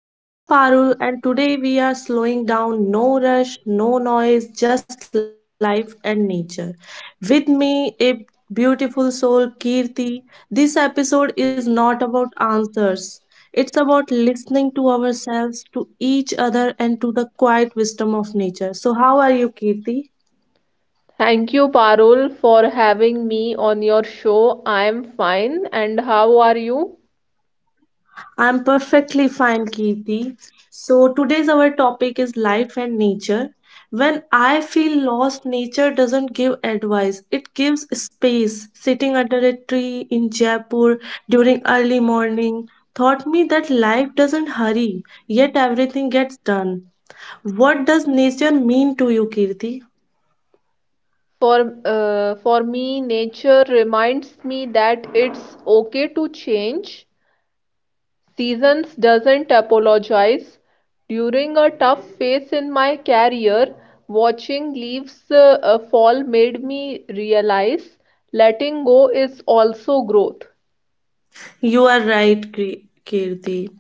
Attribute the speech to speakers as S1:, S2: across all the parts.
S1: I am Parul, and today we are slowing down. No rush, no noise, just life and nature. With me, a beautiful soul, Kirti. This episode is not about answers, it's about listening to ourselves, to each other, and to the quiet wisdom of nature. So, how are you, Kirti?
S2: Thank you, Parul, for having me on your show. I am fine, and how are you?
S1: I'm perfectly fine, Kirti. So, today's our topic is life and nature. When I feel lost, nature doesn't give advice, it gives space. Sitting under a tree in Jaipur during early morning taught me that life doesn't hurry, yet everything gets done. What does nature mean to you, Kirti?
S2: For for me, nature reminds me that it's okay to change. Seasons doesn't apologize. During a tough phase in my career, watching leaves fall made me realize letting go is also growth.
S1: You are right, Kirti.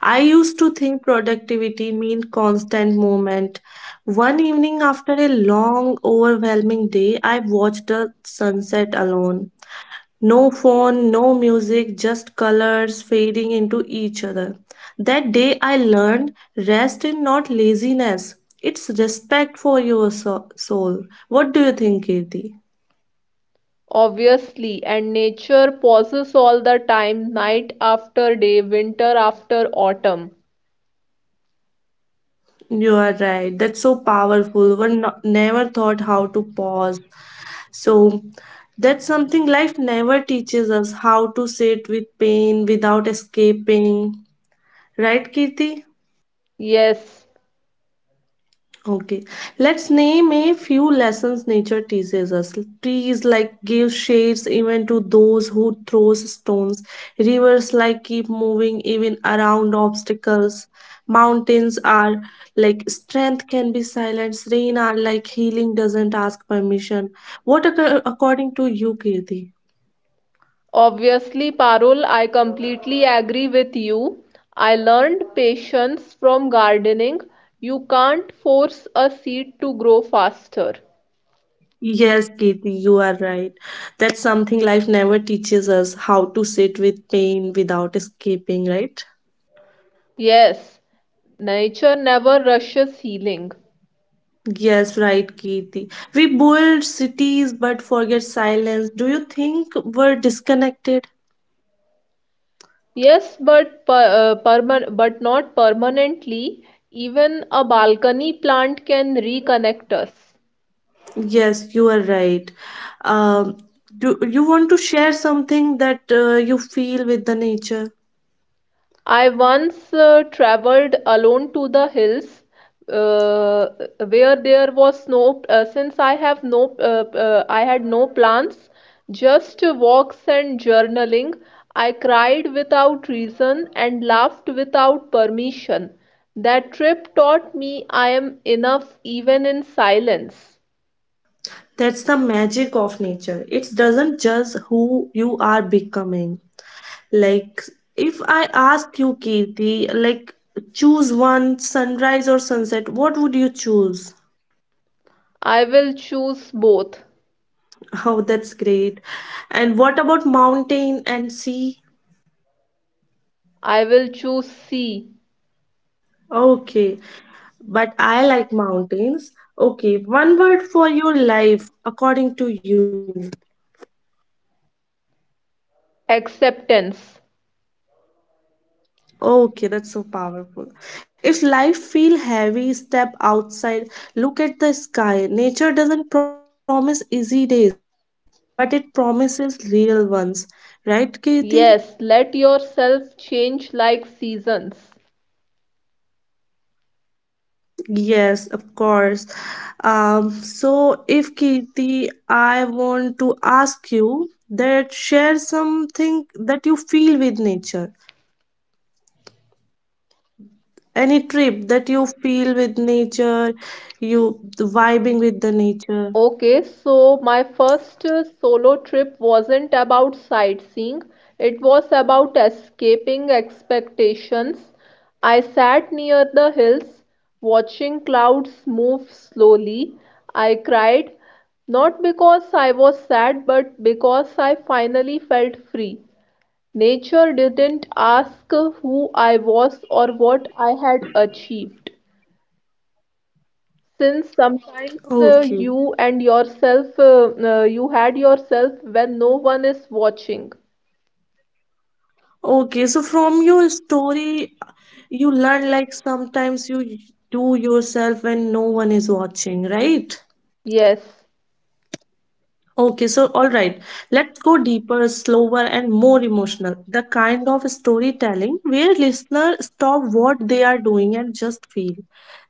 S1: I used to think productivity meant constant movement. One evening after a long, overwhelming day, I watched the sunset alone. No phone, no music, just colors fading into each other. That day I learned rest is not laziness. It's respect for your soul. What do you think, Kirti?
S2: Obviously, and nature pauses all the time, night after day, winter after autumn.
S1: You are right. That's so powerful. One never thought how to pause. So that's something life never teaches us, how to sit with pain without escaping. Right, Kirti?
S2: Yes.
S1: Okay. Let's name a few lessons nature teaches us. Trees like give shades even to those who throws stones. Rivers like keep moving even around obstacles. Mountains are like strength can be silenced. Rain are like healing doesn't ask permission. What according to you, Kirti?
S2: Obviously, Parul, I completely agree with you. I learned patience from gardening. You can't force a seed to grow faster.
S1: Yes, Kirti, you are right. That's something life never teaches us, how to sit with pain without escaping, right?
S2: Yes. Nature never rushes healing.
S1: Yes, right, Kirti. We build cities but forget silence. Do you think we're disconnected?
S2: Yes, but per, perman but not permanently. Even a balcony plant can reconnect us.
S1: Yes, you are right. Um, do you want to share something that you feel with the nature?
S2: I once traveled alone to the hills, uh, where there was no, since I have no, I had no plans, just walks and journaling. I cried without reason and laughed without permission. That trip taught me I am enough even in silence.
S1: That's the magic of nature. It doesn't judge who you are becoming. Like, if I ask you, Kirti, like, choose one sunrise or sunset, what would you choose?
S2: I will choose both.
S1: Oh, that's great. And what about mountain and sea?
S2: I will choose C.
S1: Okay, but I like mountains. Okay, one word for your life, according to you.
S2: Acceptance.
S1: Okay, that's so powerful. If life feel heavy, step outside, look at the sky. Nature doesn't promise easy days, but it promises real ones. Right, Kirti?
S2: Yes, let yourself change like seasons.
S1: Yes, of course. So, if Kirti, I want to ask you that share something that you feel with nature. Any trip that you feel with nature, you vibing with the nature.
S2: Okay, so my first solo trip wasn't about sightseeing, it was about escaping expectations. I sat near the hills, watching clouds move slowly. I cried, not because I was sad, but because I finally felt free. Nature didn't ask who I was or what I had achieved. Since sometimes uh,
S1: Okay.
S2: you and yourself uh, uh, you had yourself when no one is watching.
S1: Okay. So, from your story, you learn like sometimes you do yourself when no one is watching, right?
S2: Yes.
S1: Okay, so all right, let's go deeper, slower, and more emotional. The kind of storytelling where listeners stop what they are doing and just feel.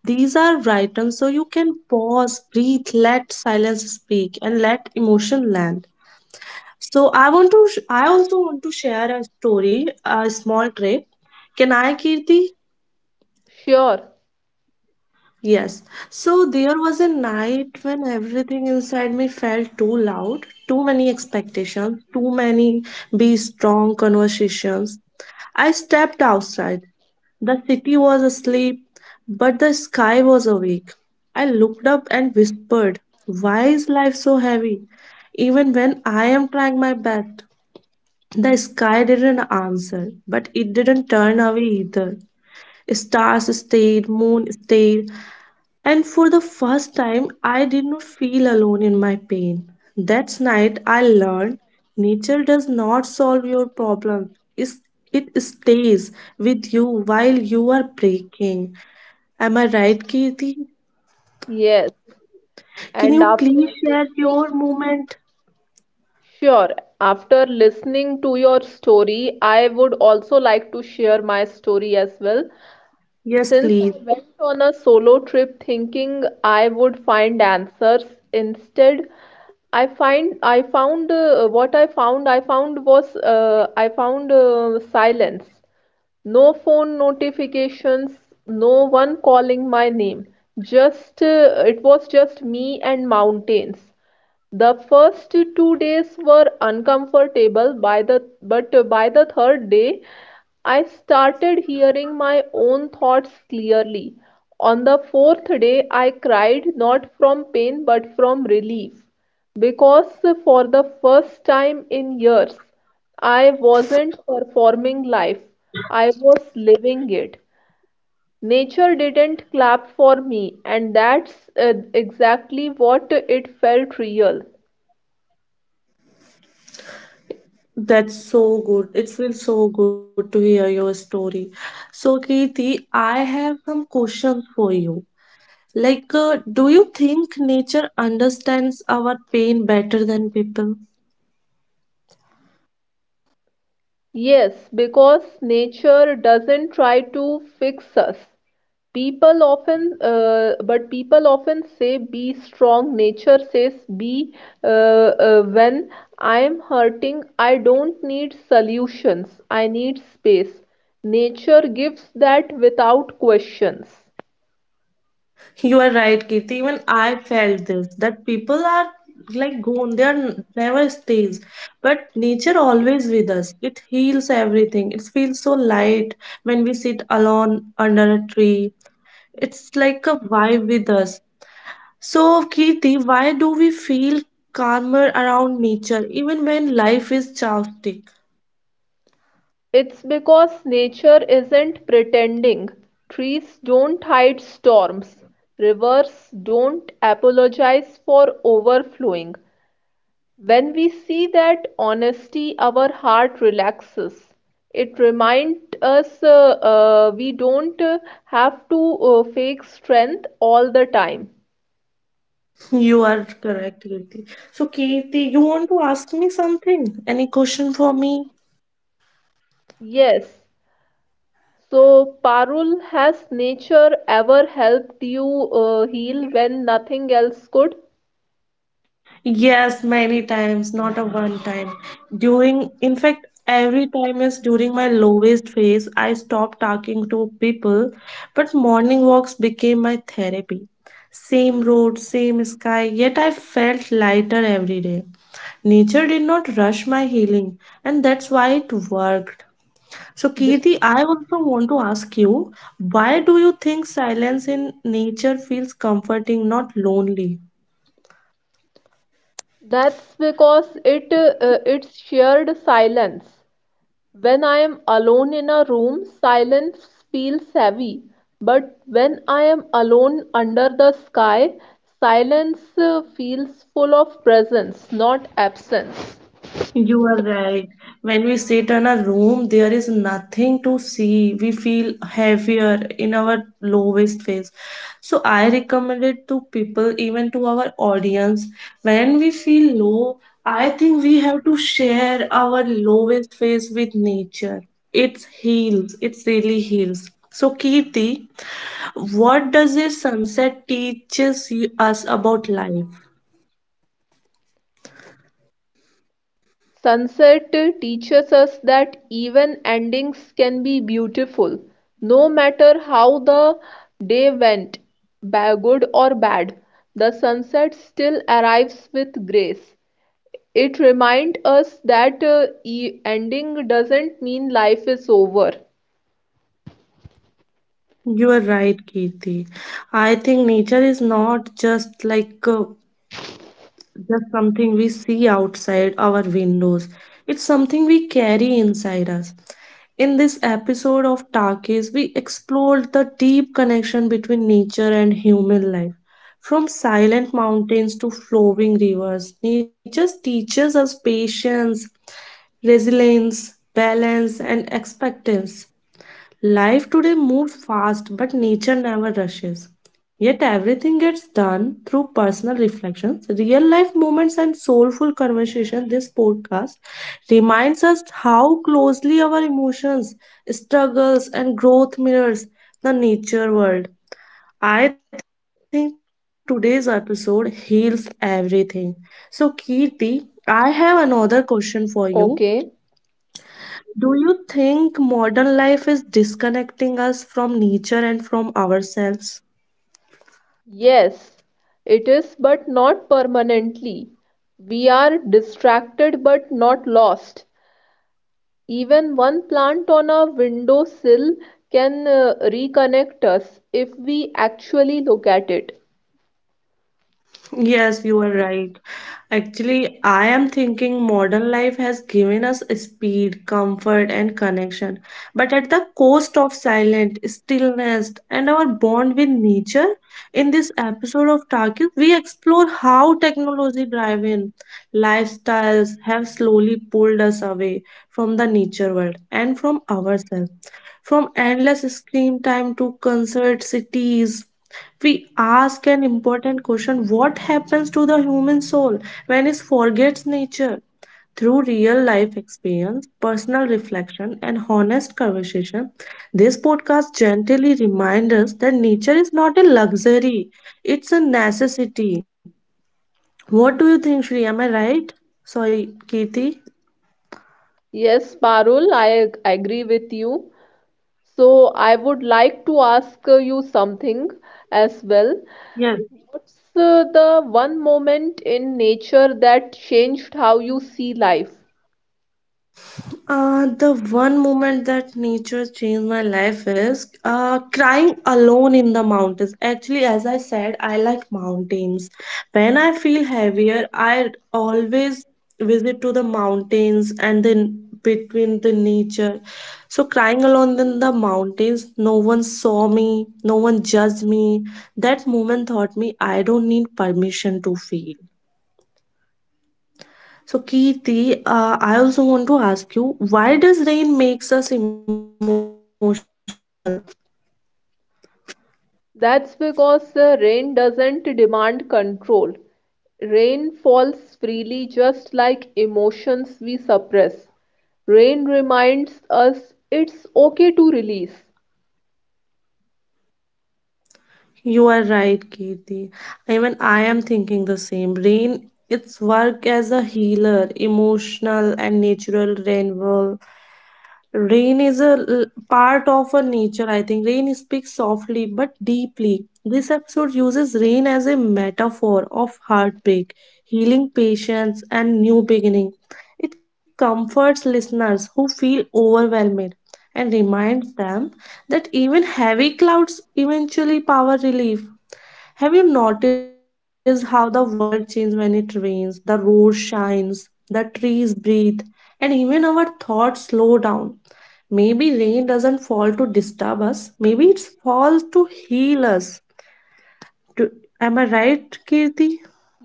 S1: These are written so you can pause, breathe, let silence speak, and let emotion land. So I want to, I also want to share a story, a small trip. Can I, Kirti?
S2: Sure.
S1: Yes. So there was a night when everything inside me felt too loud, too many expectations, too many be strong conversations. I stepped outside. The city was asleep, but the sky was awake. I looked up and whispered, why is life so heavy? Even when I am trying my best. The sky didn't answer, but it didn't turn away either. Stars stayed, moon stayed, and for the first time, I did not feel alone in my pain. That night, I learned nature does not solve your problem. It's- It stays with you while you are breaking. Am I right, Kirti?
S2: Yes,
S1: Can
S2: and
S1: you
S2: after.
S1: please share your moment?
S2: Sure. After listening to your story, I would also like to share my story as well.
S1: Yes,
S2: Since
S1: please.
S2: I went on a solo trip thinking I would find answers, instead I find I found what I found was I found silence. No phone notifications, no one calling my name. Just it was just me and mountains. The first 2 days were uncomfortable, by the but by the third day, I started hearing my own thoughts clearly. On the fourth day, I cried not from pain but from relief, because for the first time in years, I wasn't performing life, I was living it. Nature didn't clap for me, and that's exactly what it felt real.
S1: That's so good. It feels so good to hear your story. So, Kirti, I have some questions for you. Like, do you think nature understands our pain better than people?
S2: Yes, because nature doesn't try to fix us. But people often say be strong. Nature says be. When I am hurting, I don't need solutions. I need space. Nature gives that without questions.
S1: You are right, Kirti. Even I felt this, that people are like gone, they are never stays. But nature always with us. It heals everything. It feels so light when we sit alone under a tree. It's like a vibe with us. So, Kirti, why do we feel calmer around nature even when life is chaotic?
S2: It's because nature isn't pretending, trees don't hide storms, rivers don't apologize for overflowing. When we see that honesty, our heart relaxes. It reminds us we don't have to fake strength all the time.
S1: You are correct, Kirti. So, Kirti, you want to ask me something? Any question for me?
S2: Yes. So, Parul, has nature ever helped you heal when nothing else could?
S1: Yes, many times, not a one time. During, in fact, every time is during my lowest phase, I stopped talking to people, but morning walks became my therapy. Same road, same sky, yet I felt lighter every day. Nature did not rush my healing, and that's why it worked. So, Kirti, I also want to ask you, why do you think silence in nature feels comforting, not lonely?
S2: That's because it's shared silence. When I am alone in a room, silence feels heavy. But when I am alone under the sky, silence feels full of presence, not absence.
S1: You are right. When we sit in a room, there is nothing to see. We feel heavier in our lowest phase. So, I recommend it to people, even to our audience. When we feel low, I think we have to share our lowest phase with nature. It heals, it really heals. So, Kirti, what does a sunset teaches you, us about life?
S2: Sunset teaches us that even endings can be beautiful, no matter how the day went, good or bad. The sunset still arrives with grace. It reminds us that e ending doesn't mean life is over.
S1: You are right, Kirti. I think nature is not just like just something we see outside our windows. It's something we carry inside us. In this episode of Takis, we explored the deep connection between nature and human life. From silent mountains to flowing rivers, nature teaches us patience, resilience, balance, and expectance. Life today moves fast, but nature never rushes. Yet everything gets done through personal reflections, real life moments, and soulful conversation. This podcast reminds us how closely our emotions, struggles, and growth mirrors the nature world. I think today's episode heals everything. So, Kirti, I have another question for you.
S2: Okay,
S1: Do you think modern life is disconnecting us from nature and from ourselves?
S2: yes, it is, but not permanently. We are distracted but not lost. Even one plant on a windowsill can reconnect us if we actually look at it.
S1: Yes, you are right. Actually, I am thinking modern life has given us speed, comfort, and connection, but at the cost of silence, stillness, and our bond with nature. In this episode of Talkies, we explore how technology driven lifestyles have slowly pulled us away from the nature world and from ourselves. From endless screen time to concert cities, we ask an important question: what happens to the human soul when it forgets nature? Through real life experience, personal reflection, and honest conversation, this podcast gently reminds us that nature is not a luxury, it's a necessity. What do you think, Shri, am I right? Sorry, Kirti.
S2: Yes, Parul, I agree with you. So, I would like to ask you something as well.
S1: Yes.
S2: What's the one moment in nature that changed how you see life?
S1: The one moment that nature changed my life is crying alone in the mountains. Actually, as I said, I like mountains. When I feel heavier, I always visit to the mountains and then between the nature. So crying alone in the mountains, no one saw me, no one judged me. That moment taught me I don't need permission to feel. So, Kirti, I also want to ask you, why does rain makes us emotional?
S2: That's because rain doesn't demand control. Rain falls freely just like emotions we suppress. Rain reminds us it's okay to release.
S1: You are right, Kirti. Even I am thinking the same. Rain, its work as a healer, emotional and natural rainfall. Rain is a part of a nature, I think. Rain speaks softly but deeply. This episode uses rain as a metaphor of heartbreak, healing patience, and new beginning. It comforts listeners who feel overwhelmed and reminds them that even heavy clouds eventually power relief. Have you noticed how the world changes when it rains? The road shines, the trees breathe, and even our thoughts slow down. Maybe rain doesn't fall to disturb us. Maybe it falls to heal us. To, am I right, Kirti?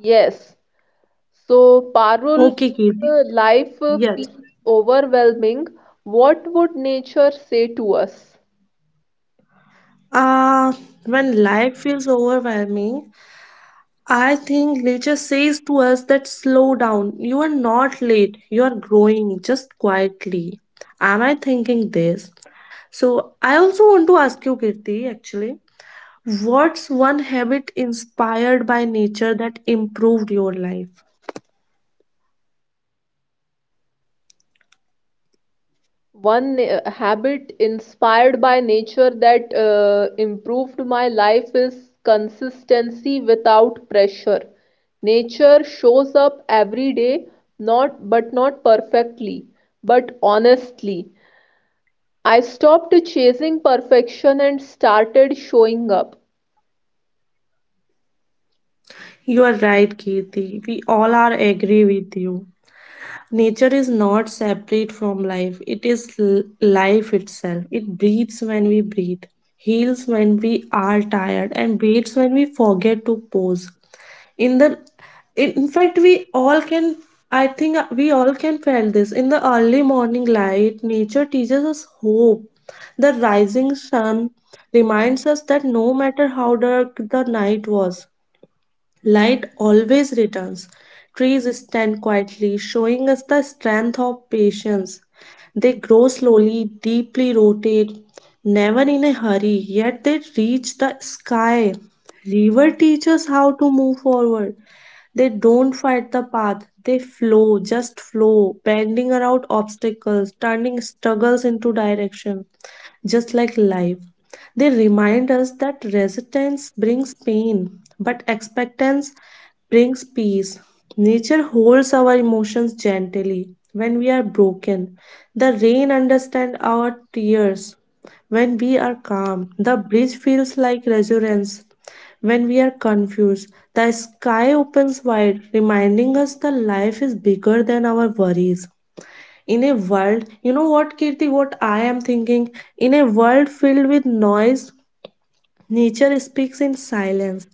S2: Yes. So,
S1: Okay,
S2: Parul, if
S1: Kirti.
S2: uh, life uh,
S1: Yes.
S2: feels overwhelming, what would nature say to us?
S1: Uh, when life feels overwhelming, I think nature says to us that slow down. You are not late. You are growing just quietly. Am I thinking this? So I also want to ask you, Kirti, actually, what's one habit inspired by nature that improved your life?
S2: One habit inspired by nature that improved my life is consistency without pressure. Nature shows up every day, not perfectly, but honestly. I stopped chasing perfection and started showing up.
S1: You are right, Kirti. We all are agree with you. Nature is not separate from life. It is life itself. It breathes when we breathe, heals when we are tired, and breathes when we forget to pause. In the in fact, we all can. I think we all can feel this. In the early morning light, nature teaches us hope. The rising sun reminds us that no matter how dark the night was, light always returns. Trees stand quietly, showing us the strength of patience. They grow slowly, deeply rooted, never in a hurry, yet they reach the sky. River teaches how to move forward. They don't fight the path, they flow, just flow, bending around obstacles, turning struggles into direction, just like life. They remind us that resistance brings pain, but expectance brings peace. Nature holds our emotions gently when we are broken. The rain understands our tears. When we are calm, the breeze feels like resurgence. When we are confused, the sky opens wide, reminding us that life is bigger than our worries. In a world, you know what, Kirti, what I am thinking? In a world filled with noise, nature speaks in silence.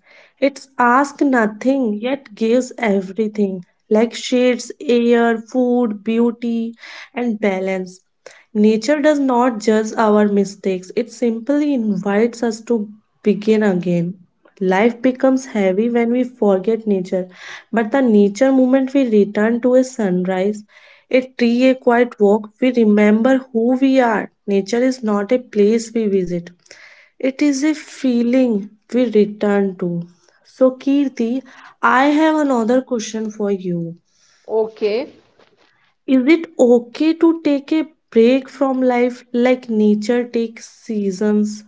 S1: It asks nothing yet gives everything, like shades, air, food, beauty, and balance. Nature does not judge our mistakes, it simply invites us to begin again. Life becomes heavy when we forget nature, but the nature moment we return to a sunrise, a tree, a quiet walk, we remember who we are. Nature is not a place we visit, it is a feeling we return to. So, Kirti, I have another question for you.
S2: Okay.
S1: Is it okay to take a break from life like nature takes seasons?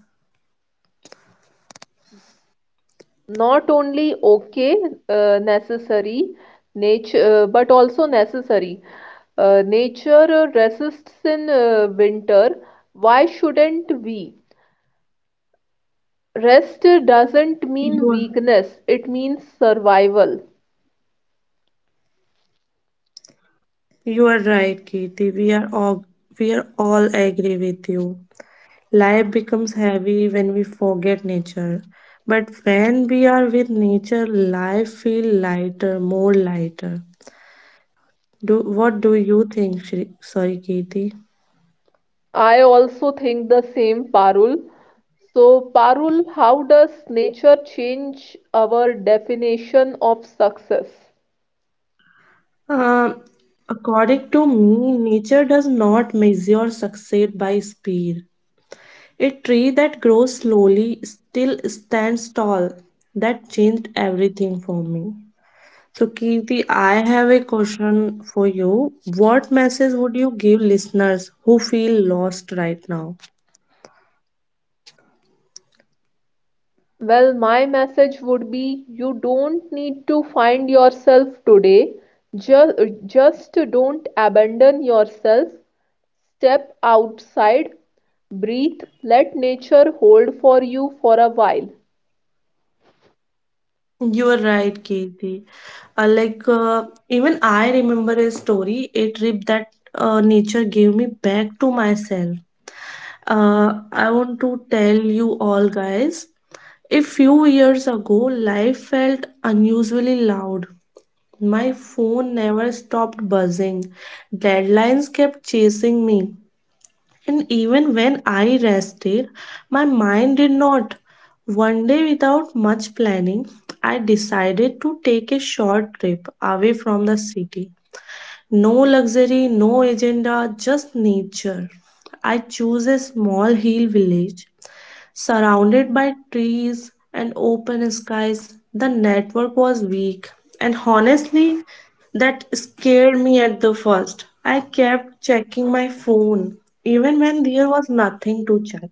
S2: Not only okay, necessary. Nature uh, but also necessary uh, nature uh, resists in winter. Why shouldn't we? Rest
S1: You
S2: doesn't
S1: are,
S2: mean weakness, it means survival.
S1: you are right, Kirti. We are all agree with you. Life becomes heavy when we forget nature. But when we are with nature, life feel lighter, more lighter. Do what do you think, Kirti?
S2: I also think the same, Parul. So, Parul, how does nature change our definition of success?
S1: Uh, According to me, nature does not measure success by speed. A tree that grows slowly still stands tall. That changed everything for me. So, Kirti, I have a question for you. What message would you give listeners who feel lost right now?
S2: Well, my message would be you don't need to find yourself today. Just, just don't abandon yourself. Step outside, breathe, let nature hold for you for a while.
S1: You are right, Kirti. Even I remember a story, a trip that nature gave me back to myself. I want to tell you all guys. A few years ago, life felt unusually loud. My phone never stopped buzzing. Deadlines kept chasing me. And even when I rested, my mind did not. One day, without much planning, I decided to take a short trip away from the city. No luxury, no agenda, just nature. I choose a small hill village surrounded by trees and open skies. The network was weak, and honestly, that scared me at the first. I kept checking my phone even when there was nothing to check.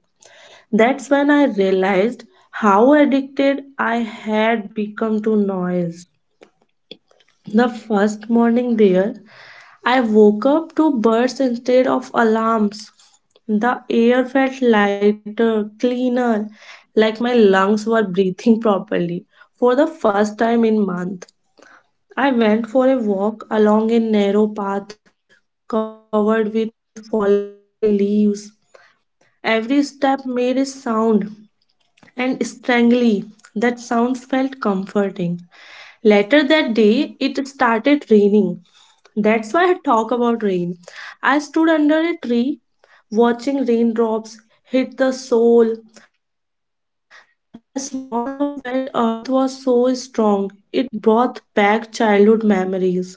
S1: That's when I realized how addicted I had become to noise. The first morning there, I woke up to birds instead of alarms. The air felt lighter, cleaner, like my lungs were breathing properly for the first time in month. I went for a walk along a narrow path covered with fallen leaves. Every step made a sound, and strangely that sound felt comforting. Later that day it started raining, that's why I talk about rain. I stood under a tree watching raindrops hit the soil. The smell of wet earth was so strong, it brought back childhood memories.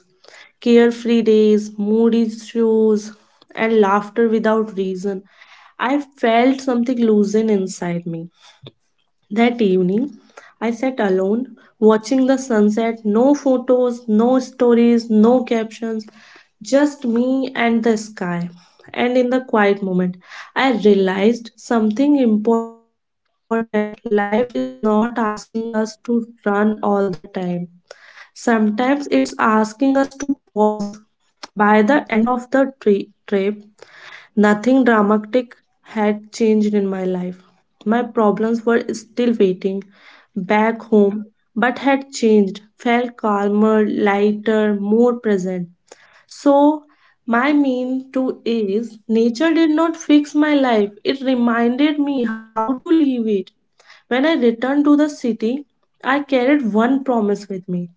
S1: Carefree days, moody shoes, and laughter without reason. I felt something loosen inside me. That evening, I sat alone watching the sunset. No photos, no stories, no captions, just me and the sky. And in the quiet moment, I realized something important. Life is not asking us to run all the time, sometimes it's asking us to pause. By the end of the trip, nothing dramatic had changed in my life. My problems were still waiting back home, but had changed, felt calmer, lighter, more present. So, my mean to is nature did not fix my life. It reminded me how to live it. When I returned to the city, I carried one promise with me.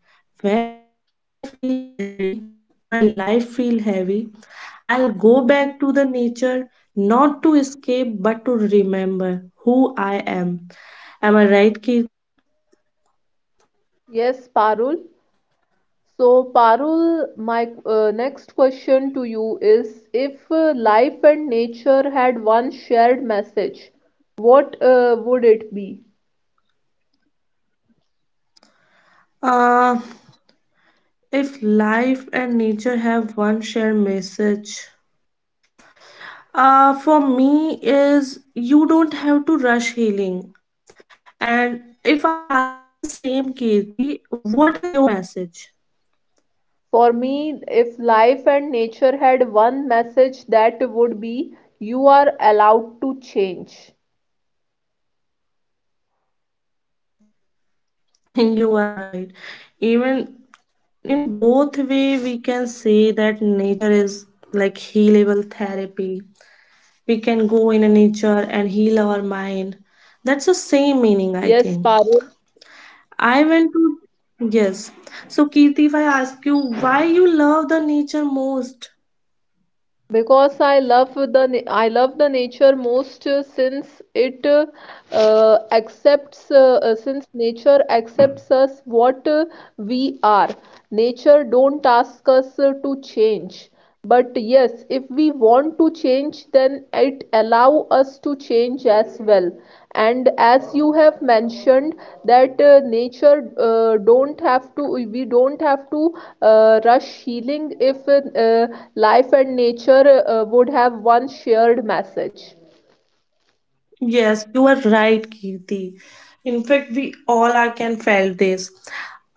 S1: Whenever I feel heavy, my life feel heavy, I'll go back to the nature not to escape but to remember who I am. Am I right, Kirti?
S2: Yes, Parul. So, Parul, my next question to you is, if life and nature had one shared message, what would it be?
S1: Uh, if life and nature have one shared message, for me is you don't have to rush healing. And if I ask you the same, Kirti, what is your message?
S2: For me, if life and nature had one message, that would be you are allowed to change.
S1: You are right. Even in both way, we can say that nature is like healable therapy. We can go in a nature and heal our mind. That's the same meaning, I
S2: Yes,
S1: think.
S2: Parul.
S1: I went to yes. So Kirti, if I ask you why you love the nature most,
S2: Because I love the nature most since it accepts since nature accepts us what we are. Nature don't ask us to change. But yes, if we want to change, then it allow us to change as well. And as you have mentioned that nature don't have to we don't have to rush healing if life and nature would have one shared message.
S1: yes, you are right, Kirti. In fact, we all are can felt this.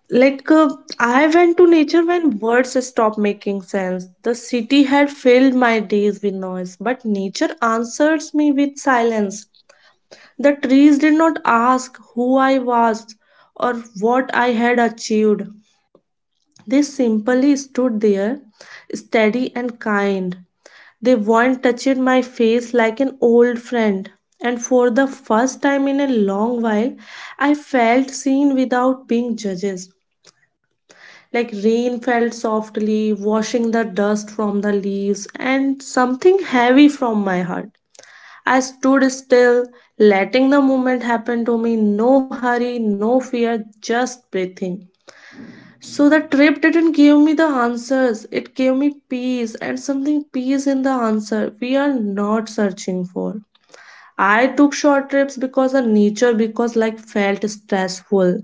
S1: Like, I went to nature when words stopped making sense. The city had filled my days with noise, but nature answers me with silence. The trees did not ask who I was or what I had achieved. They simply stood there, steady and kind. They weren't touching my face like an old friend. And for the first time in a long while, I felt seen without being judged. Like rain fell softly, washing the dust from the leaves, and something heavy from my heart. I stood still, letting the moment happen to me. No hurry, no fear, just breathing. So the trip didn't give me the answers. It gave me peace and something peace in the answer we are not searching for. I took short trips because the nature because like felt stressful.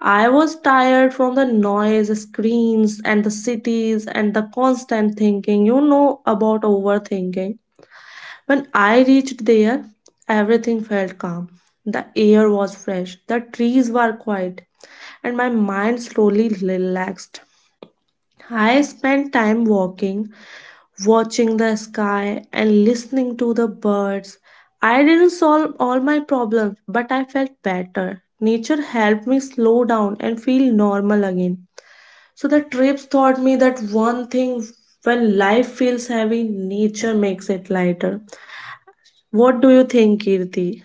S1: I was tired from the noise, screens and the cities and the constant thinking. You know about overthinking. When I reached there, everything felt calm. The air was fresh, the trees were quiet, and my mind slowly relaxed. I spend time walking, watching the sky, and listening to the birds. I didn't solve all my problems, but I felt better. Nature helped me slow down and feel normal again. So the trips taught me that one thing, when life feels heavy, nature makes it lighter. What do you think, Kirti?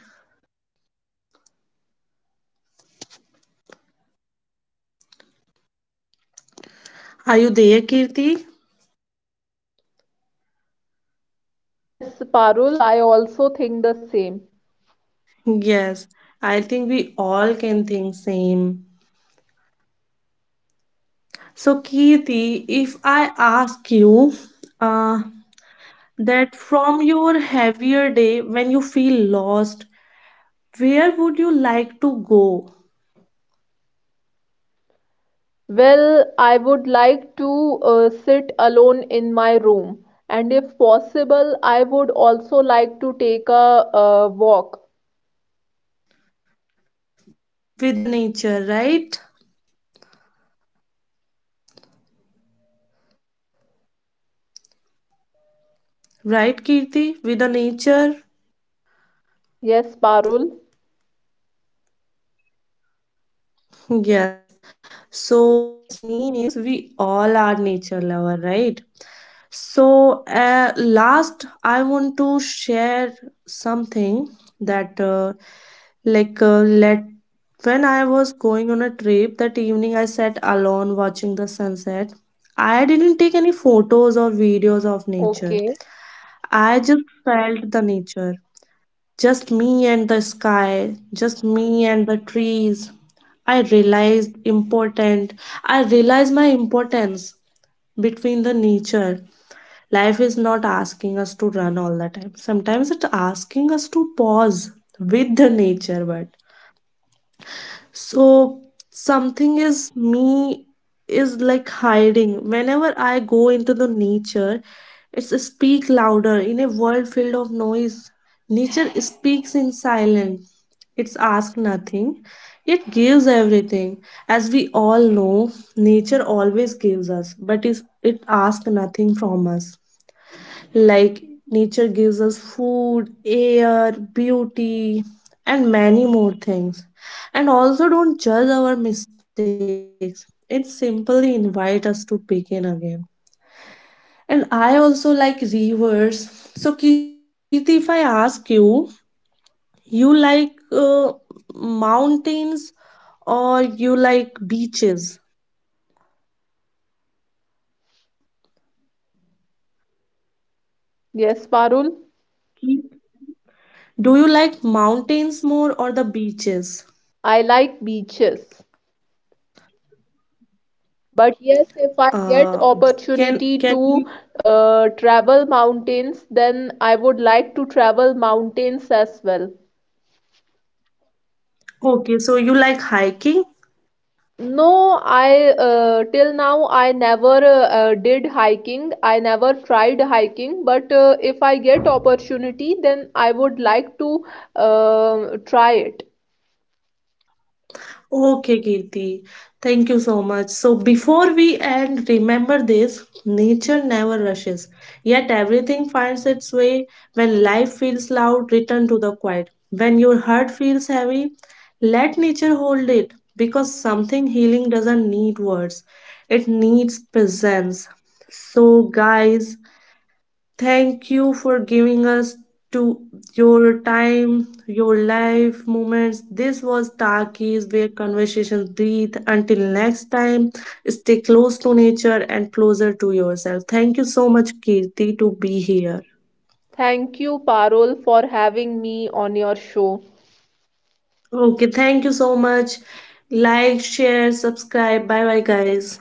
S1: Are you there, Kirti?
S2: Yes, Parul, I also think the same.
S1: Yes, I think we all can think same. So, Kirti, if I ask you uh, that from your heavier day when you feel lost, where would you like to go?
S2: Well, I would like to sit alone in my room, and if possible, I would also like to take a walk.
S1: With the nature, right? Right, Kirti? With the nature?
S2: Yes, Parul.
S1: Yes. So, that's mean is we all are nature lover, right? So, last, I want to share something that, let when I was going on a trip that evening, I sat alone watching the sunset. I didn't take any photos or videos of nature.
S2: Okay.
S1: I just felt the nature. Just me and the sky, just me and the trees. I realized important. I realized my importance between the nature. Life is not asking us to run all the time. Sometimes it's asking us to pause with the nature, but so something is me is like hiding. Whenever I go into the nature, it's speak louder in a world filled of noise. Nature speaks in silence. It's asks nothing, yet gives everything. As we all know, nature always gives us, but it asks nothing from us. Like nature gives us food, air, beauty, and many more things. And also don't judge our mistakes. It simply invites us to begin again. And I also like rivers. So Kirti, if I ask you, you like mountains or you like beaches?
S2: Yes, Parul.
S1: Do you like mountains more or the beaches?
S2: I like beaches,
S1: Uh,
S2: but yes, if I
S1: can
S2: get
S1: you
S2: opportunity to travel mountains, then I would like to travel mountains as well.
S1: okay, so you like hiking?
S2: No, I till now I never did hiking. I never tried hiking, but if I get opportunity, then I would like to try it.
S1: Okay, Kirti. Thank you so much. So before we end, remember this, nature never rushes, yet everything finds its way. When life feels loud, return to the quiet. When your heart feels heavy, let nature hold it because something healing doesn't need words. It needs presence. So guys, thank you for giving us to your time, your life moments. This was Takis where conversations breathe. Until next time, stay close to nature and closer to yourself. Thank you so much, Kirti, to be here.
S2: Thank you, Parul, for having me on your show.
S1: Okay, thank you so much. Like, share, subscribe. Bye bye, guys.